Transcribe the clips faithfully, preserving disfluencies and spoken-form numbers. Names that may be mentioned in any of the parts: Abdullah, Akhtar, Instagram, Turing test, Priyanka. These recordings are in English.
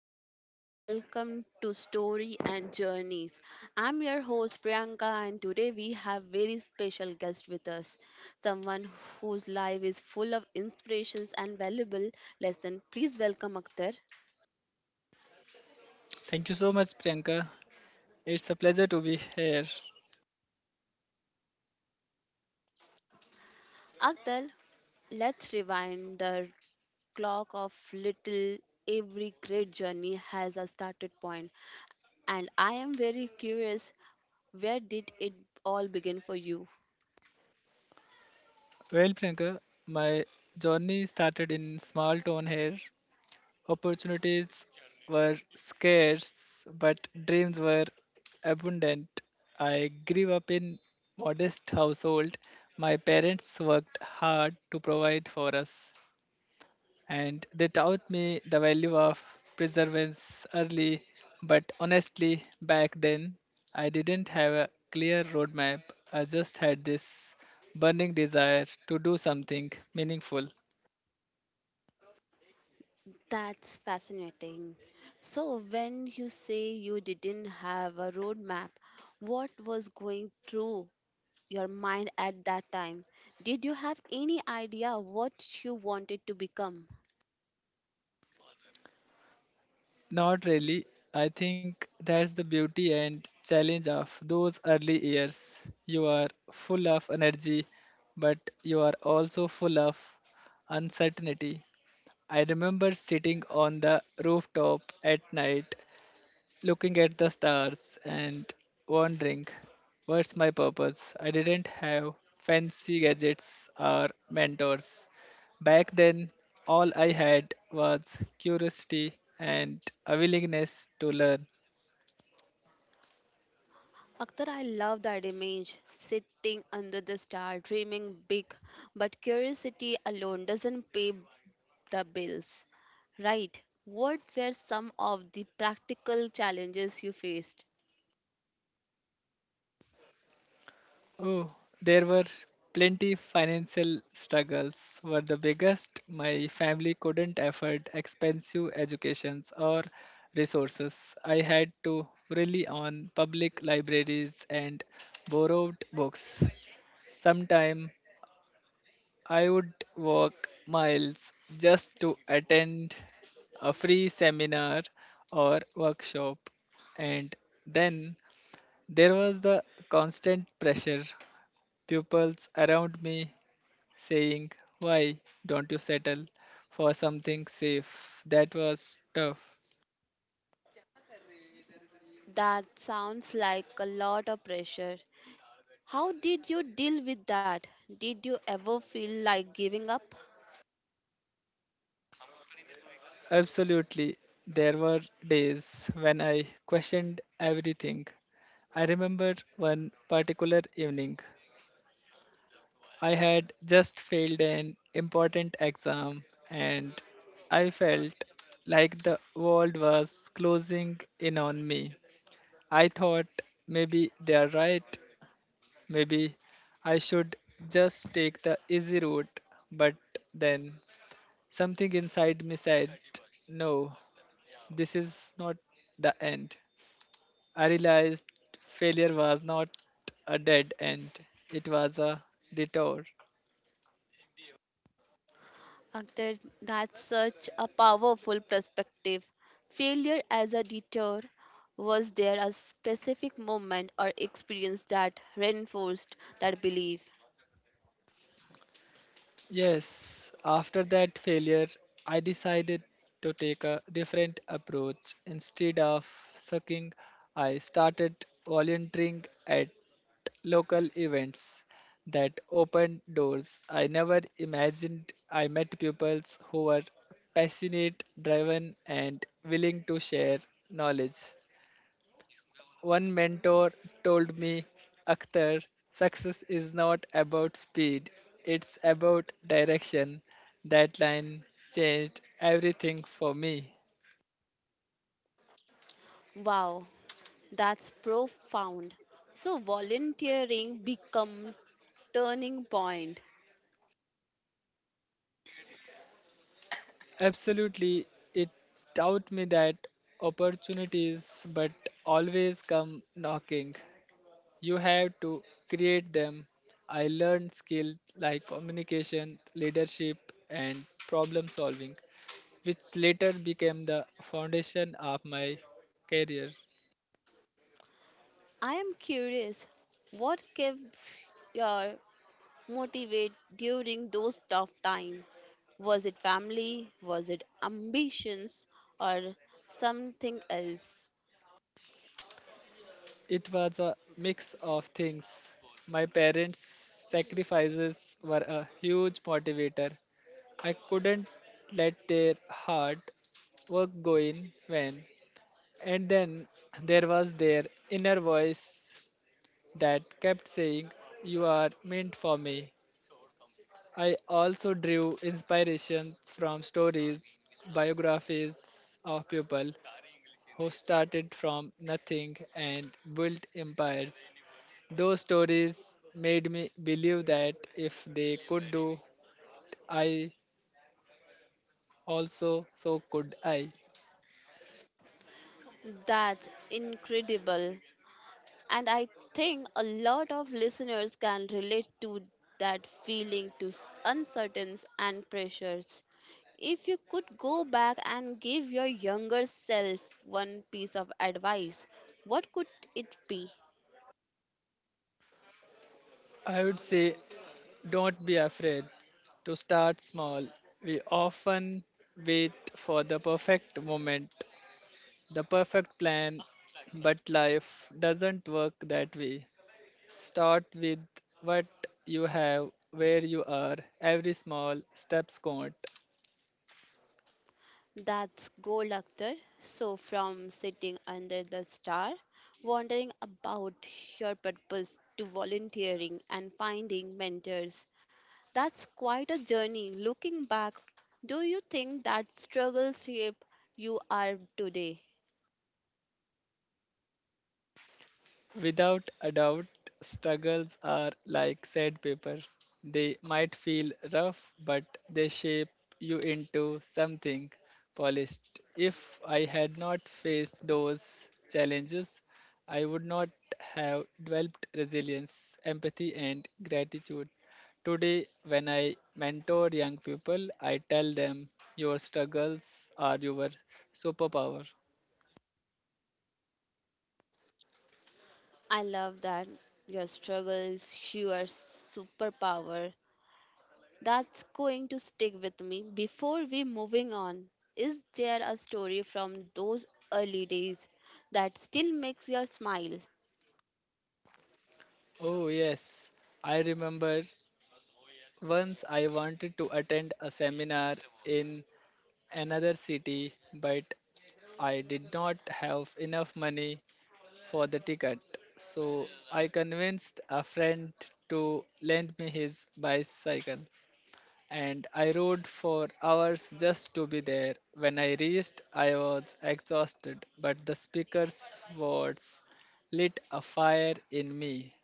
everyone, and welcome to Story and Journeys. I'm your host Priyanka, and today we have very special guest with us, someone whose life is full of inspirations and valuable lessons. Please welcome Akhtar. Thank you so much, Priyanka. It's a pleasure to be here. Akhtar, let's rewind the clock of little. Every great journey has a started point, and I am very curious. Where did it all begin for you? Well, Priyanka, my journey started in small town here. Opportunities were scarce, but dreams were abundant. I grew up in modest household. My parents worked hard to provide for us, and they taught me the value of perseverance early. But honestly, back then, I didn't have a clear roadmap. I just had this burning desire to do something meaningful. That's fascinating. So, when you say you didn't have a roadmap, what was going through your mind at that time? Did you have any idea what you wanted to become? Not really. I think that's the beauty and challenge of those early years. You are full of energy, but you are also full of uncertainty. I remember sitting on the rooftop at night looking at the stars and wondering, what's my purpose? I didn't have fancy gadgets or mentors. Back then, all I had was curiosity and a willingness to learn. Akhtar, I love that image, sitting under the star, dreaming big, but curiosity alone doesn't pay the bills. Right. What were some of the practical challenges you faced? Oh, there were plenty financial struggles were the biggest. My family couldn't afford expensive educations or resources. I had to rely on public libraries and borrowed books. Sometime I would walk miles just to attend a free seminar or workshop, and then there was the constant pressure pupils around me saying, why don't you settle for something safe? That was tough. That sounds like a lot of pressure. How did you deal with that? Did you ever feel like giving up? Absolutely. There were days when I questioned everything. I remember one particular evening. I had just failed an important exam and I felt like the world was closing in on me. I thought maybe they are right. Maybe I should just take the easy route, but then something inside me said, no, this is not the end. I realized failure was not a dead end, it was a detour. Akhtar, that's such a powerful perspective. Failure as a deter. Was there a specific moment or experience that reinforced that belief? Yes, after that failure, I decided to take a different approach. Instead of sucking, I started volunteering at local events that opened doors I never imagined. I met pupils who were passionate, driven, and willing to share knowledge. One mentor told me, Akhtar, success is not about speed, it's about direction. That line changed everything for me. Wow, that's profound. So volunteering become turning point. Absolutely, it taught me that opportunities but always come knocking. You have to create them. I learned skills like communication, leadership, and problem solving, which later became the foundation of my career. I am curious, what kept your motivate during those tough times? Was it family? Was it ambitions? Or something else? It was a mix of things. My parents' sacrifices were a huge motivator. I couldn't let their hard work go in vain. And then there was their inner voice that kept saying, you are meant for me. I also drew inspirations from stories, biographies of people who started from nothing and built empires. Those stories made me believe that if they could do, I also so could I. That's incredible. And I think a lot of listeners can relate to that feeling to s- uncertainties and pressures. If you could go back and give your younger self one piece of advice, what could it be? I would say, don't be afraid to start small. We often wait for the perfect moment, the perfect plan, but life doesn't work that way. Start with what you have, where you are. Every small steps count. That's gold, Akhtar. So, from sitting under the star, wondering about your purpose to volunteering and finding mentors, that's quite a journey. Looking back, do you think that struggles shape you are today? Without a doubt, struggles are like sandpaper. They might feel rough, but they shape you into something polished. If I had not faced those challenges, I would not have developed resilience, empathy, and gratitude. Today, when I mentor young people, I tell them your struggles are your superpower. I love that your struggles, your superpower. That's going to stick with me. Before we moving on, is there a story from those early days that still makes your smile? Oh, yes. I remember once I wanted to attend a seminar in another city, but I did not have enough money for the ticket. So I convinced a friend to lend me his bicycle, and I rode for hours just to be there. When I reached, I was exhausted, but the speaker's words lit a fire in me.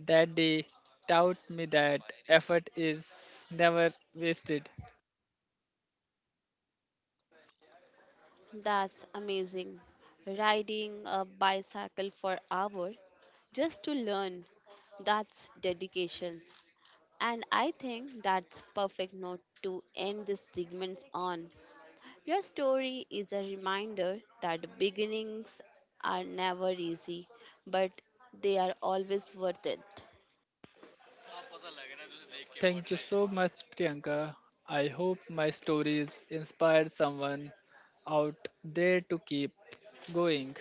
That day taught me that effort is never wasted. That's amazing. Riding a bicycle for hour just to learn. That's dedication. And I think that's perfect note to end this segment on. Your story is a reminder that beginnings are never easy, but they are always worth it. Thank you so much, Priyanka. I hope my stories inspired someone out there to keep going.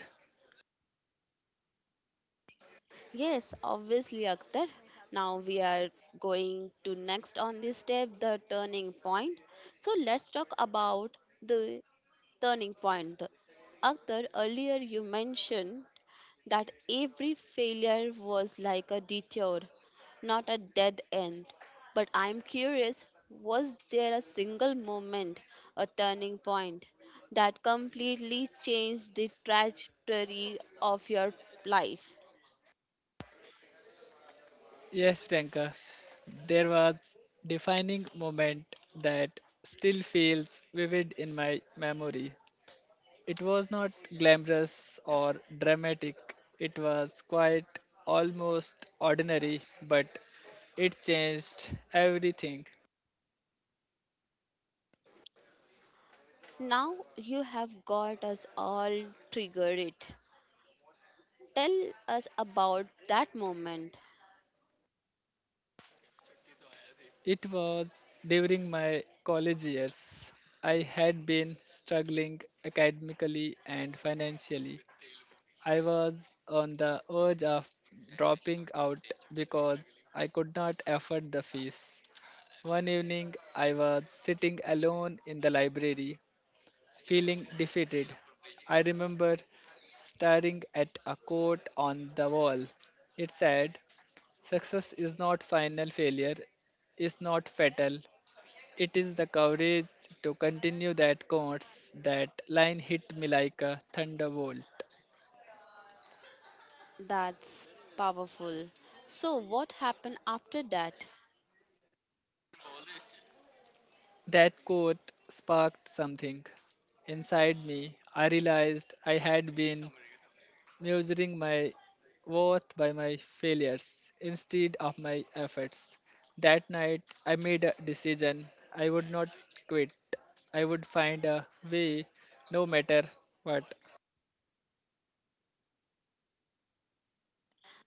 Yes, obviously, Akhtar. Now we are going to next on this step, the turning point. So let's talk about the turning point. Akhtar, earlier you mentioned that every failure was like a detour, not a dead end. But I'm curious, was there a single moment, a turning point, that completely changed the trajectory of your life? Yes, Priyanka, there was defining moment that still feels vivid in my memory. It was not glamorous or dramatic. It was quite almost ordinary, but it changed everything. Now you have got us all triggered. Tell us about that moment. It was during my college years. I had been struggling academically and financially. I was on the verge of dropping out because I could not afford the fees. One evening, I was sitting alone in the library, feeling defeated. I remember staring at a quote on the wall. It said, success is not final, failure is not fatal, it is the courage to continue that course. That line hit me like a thunderbolt. That's powerful. So, what happened after that? That quote sparked something inside me. I realized I had been measuring my worth by my failures instead of my efforts. That night, I made a decision. I would not quit. I would find a way no matter what.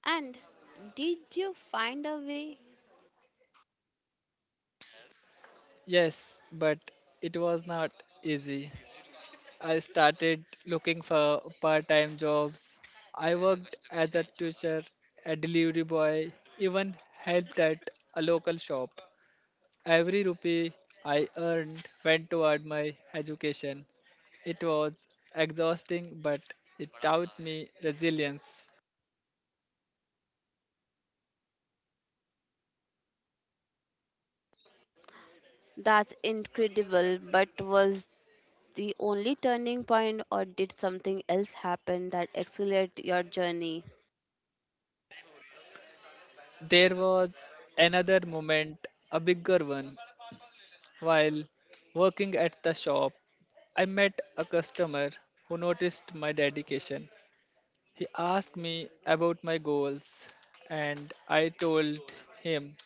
And did you find a way? Yes, but it was not easy. I started looking for part time jobs. I worked as a teacher, a delivery boy, even helped at a local shop. Every rupee I earned went toward my education. It was exhausting, but it taught me resilience. That's incredible, but was the only turning point, or did something else happen that accelerated your journey? There was another moment, a bigger one. While working at the shop, I met a customer who noticed my dedication. He asked me about my goals, and I told him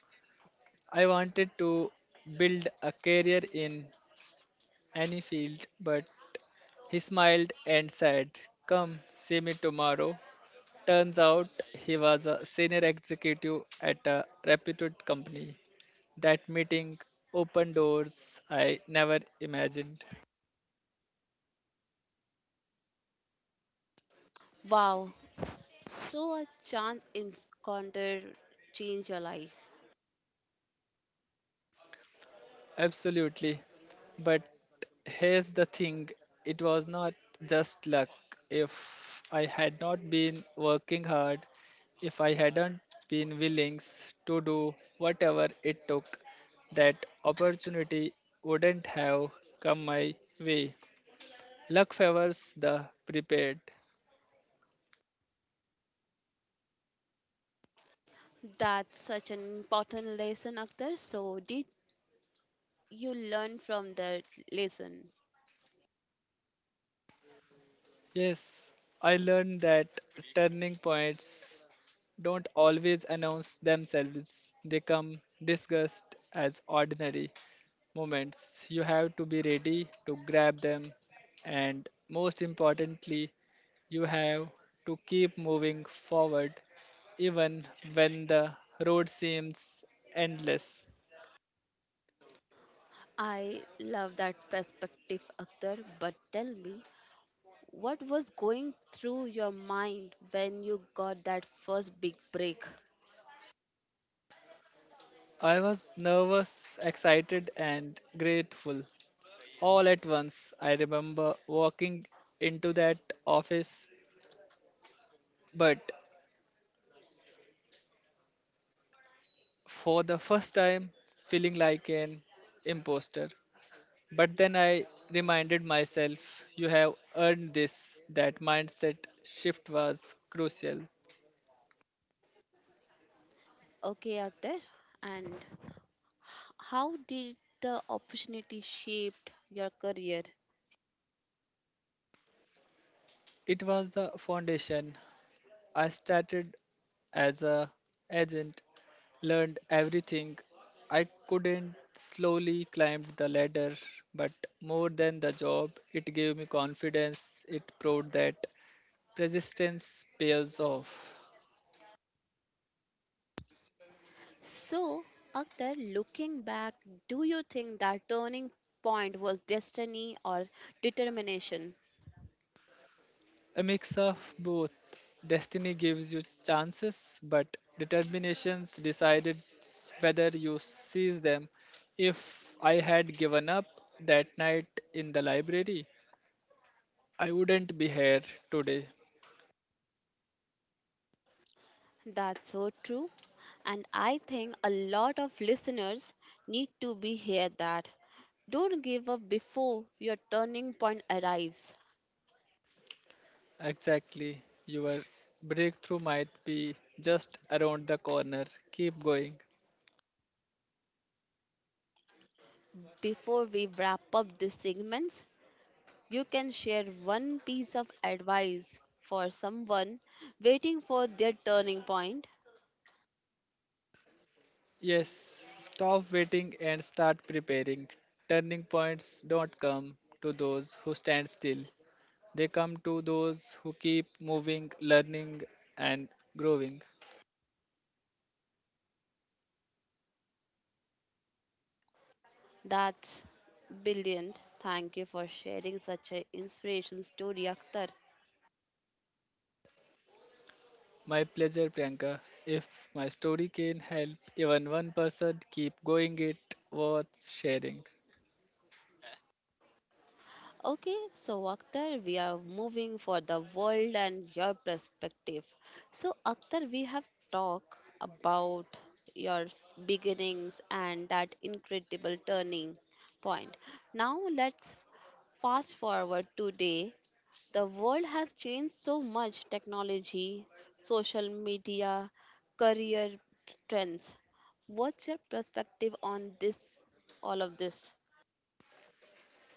I wanted to build a career in any field, but he smiled and said, come see me tomorrow. Turns out he was a senior executive at a reputed company. That meeting opened doors I never imagined. Wow, so a chance encounter changed your life. Absolutely. But here's the thing, it was not just luck. If I had not been working hard, if I hadn't been willing to do whatever it took, that opportunity wouldn't have come my way. Luck favors the prepared. That's such an important lesson, Akhtar. So, did you learn from that lesson? Yes, I learned that turning points don't always announce themselves, they come disguised as ordinary moments. You have to be ready to grab them, and most importantly, you have to keep moving forward even when the road seems endless. I love that perspective, Akhtar, but tell me, what was going through your mind when you got that first big break? I was nervous, excited, and grateful all at once. I remember walking into that office, but for the first time, feeling like an imposter. But then I reminded myself, you have earned this. That mindset shift was crucial. Okay, Akhtar. And how did the opportunity shaped your career? It was the foundation. I started as a agent, learned everything. I couldn't slowly climbed the ladder, but more than the job, it gave me confidence. It proved that persistence pays off. So, Akhtar, looking back, do you think that turning point was destiny or determination? A mix of both. Destiny gives you chances, but determinations decided whether you seize them. If I had given up that night in the library, I wouldn't be here today. That's so true. And I think a lot of listeners need to be hear that. Don't give up before your turning point arrives. Exactly. Your breakthrough might be just around the corner. Keep going. Before we wrap up this segment, you can share one piece of advice for someone waiting for their turning point? Yes, stop waiting and start preparing. Turning points don't come to those who stand still. They come to those who keep moving, learning, and growing. That's brilliant. Thank you for sharing such an inspiration story, Akhtar. My pleasure, Priyanka. If my story can help even one person keep going, it worth sharing. Okay, so Akhtar, we are moving for the world and your perspective. So Akhtar, we have talked about your beginnings and that incredible turning point. Now let's fast forward today. The world has changed so much technology, social media, career trends. What's your perspective on this all of this?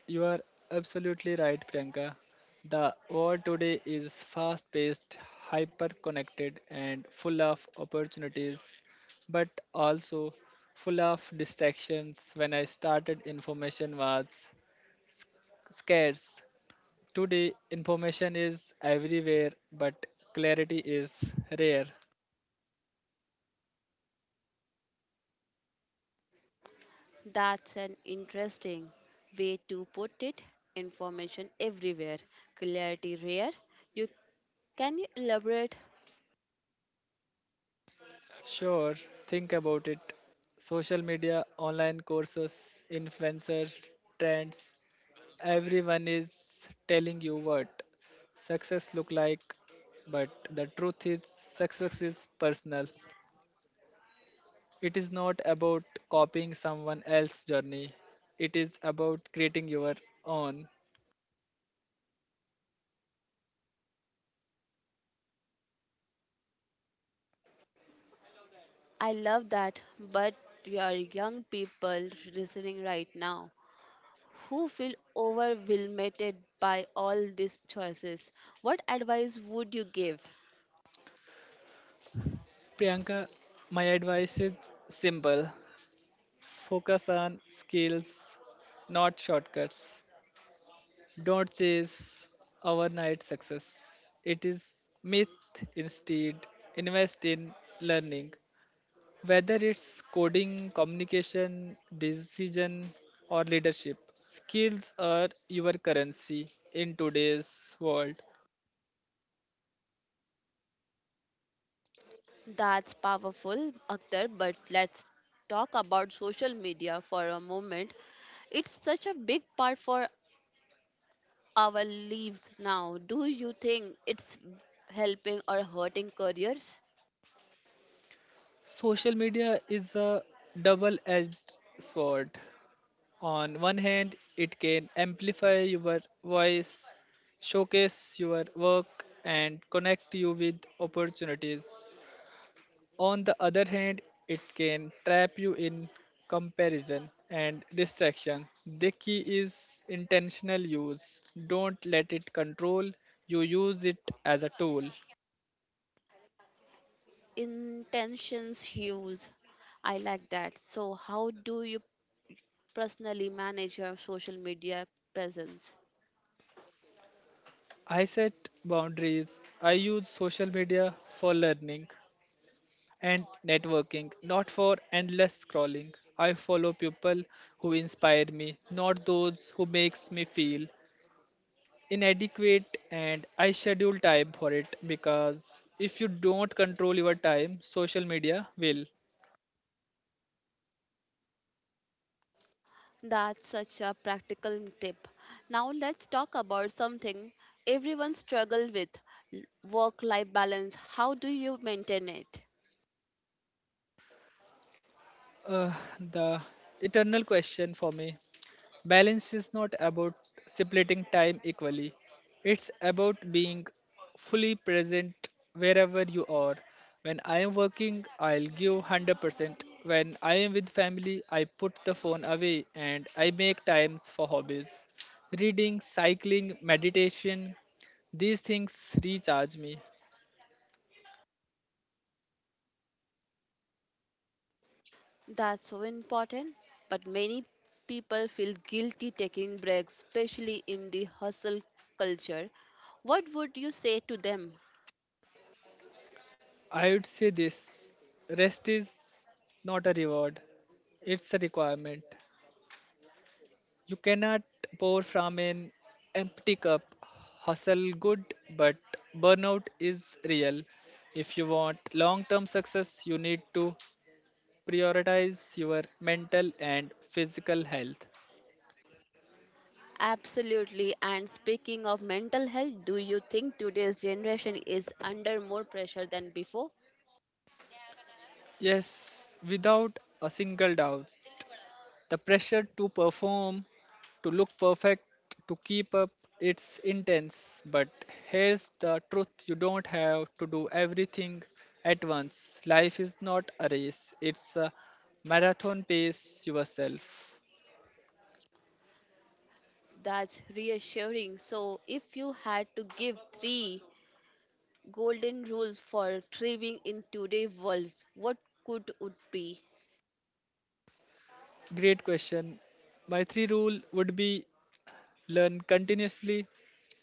You are absolutely right, Priyanka. The world today is fast paced, hyper connected, and full of opportunities, but also full of distractions. When I started, information was scarce. Today, information is everywhere, but clarity is rare. That's an interesting way to put it. Information everywhere, clarity rare. You can you elaborate? Sure, think about it. Social media, online courses, influencers, trends, everyone is telling you what success look like, but the truth is success is personal. It is not about copying someone else's journey, it is about creating your own. I love that, but your young people listening right now who feel overwhelmed by all these choices, what advice would you give? Priyanka, my advice is simple. Focus on skills, not shortcuts. Don't chase overnight success. It is myth. Instead, invest in learning, whether it's coding, communication, decision, or leadership. Skills are your currency in today's world. That's powerful, Akhtar, but let's talk about social media for a moment. It's such a big part for our leaves now. Do you think it's helping or hurting careers? Social media is a double edged sword. On one hand, it can amplify your voice, showcase your work, and connect you with opportunities. On the other hand, it can trap you in comparison and distraction. The key is intentional use. Don't let it control you, use it as a tool. Intentions hues. I like that. So, how do you personally manage your social media presence? I set boundaries. I use social media for learning and networking, not for endless scrolling. I follow people who inspire me, not those who makes me feel inadequate, and I schedule time for it because if you don't control your time, social media will. That's such a practical tip. Now, let's talk about something everyone struggles with work life balance. How do you maintain it? Uh, the eternal question for me. Balance is not about splitting time equally, it's about being fully present wherever you are. When I am working, I'll give one hundred percent. When I am with family, I put the phone away and I make times for hobbies. Reading, cycling, meditation, these things recharge me. That's so important, but many people feel guilty taking breaks, especially in the hustle culture. What would you say to them? I would say this, rest is not a reward, it's a requirement. You cannot pour from an empty cup. Hustle good, but burnout is real. If you want long term success, you need to prioritize your mental and physical health. Absolutely. And speaking of mental health, do you think today's generation is under more pressure than before? Yes, without a single doubt. The pressure to perform, to look perfect, to keep up, it's intense. But here's the truth, you don't have to do everything at once. Life is not a race, it's a marathon, pace yourself. That's reassuring. So, if you had to give three golden rules for thriving in today's world, what could it be? Great question. My three rule would be learn continuously.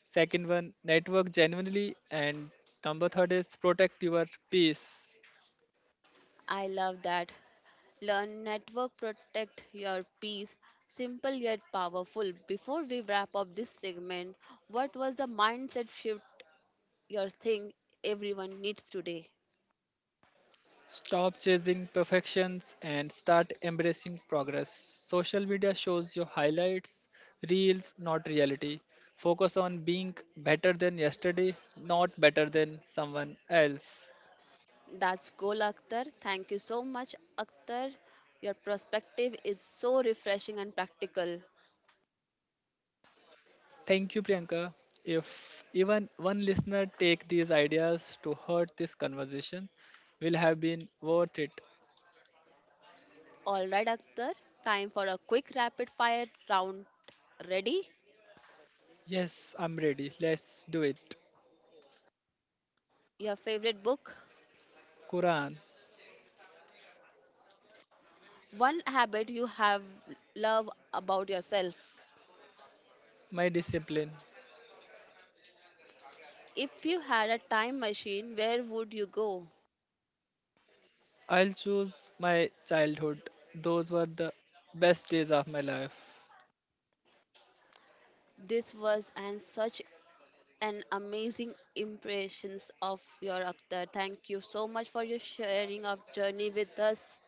Second one, network genuinely. And number third is protect your peace. I love that. Learn network, protect your peace. Simple yet powerful. Before we wrap up this segment, what was the mindset shift your thing everyone needs today? Stop chasing perfections and start embracing progress. Social media shows your highlights, reels, not reality. Focus on being better than yesterday, not better than someone else. That's goal, Akhtar. Thank you so much, Akhtar. Your perspective is so refreshing and practical. Thank you, Priyanka. If even one listener take these ideas to hurt this conversation, will have been worth it. All right, Akhtar. Time for a quick rapid fire round. Ready? Yes, I'm ready. Let's do it. Your favorite book? Quran. One habit you have love about yourself. My discipline. If you had a time machine, where would you go? I'll choose my childhood. Those were the best days of my life. This was and such an amazing impressions of your avatar. Thank you so much for your sharing of journey with us.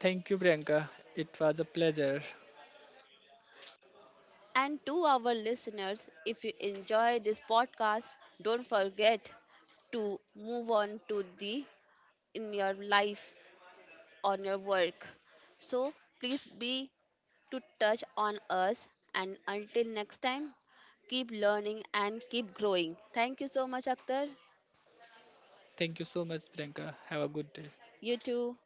Thank you, Priyanka. It was a pleasure. And to our listeners, if you enjoy this podcast, don't forget to move on to the in your life on your work. So please be to touch on us, and until next time keep learning and keep growing. Thank you so much Akhtar. Thank you so much, Priyanka. Have a good day. You too.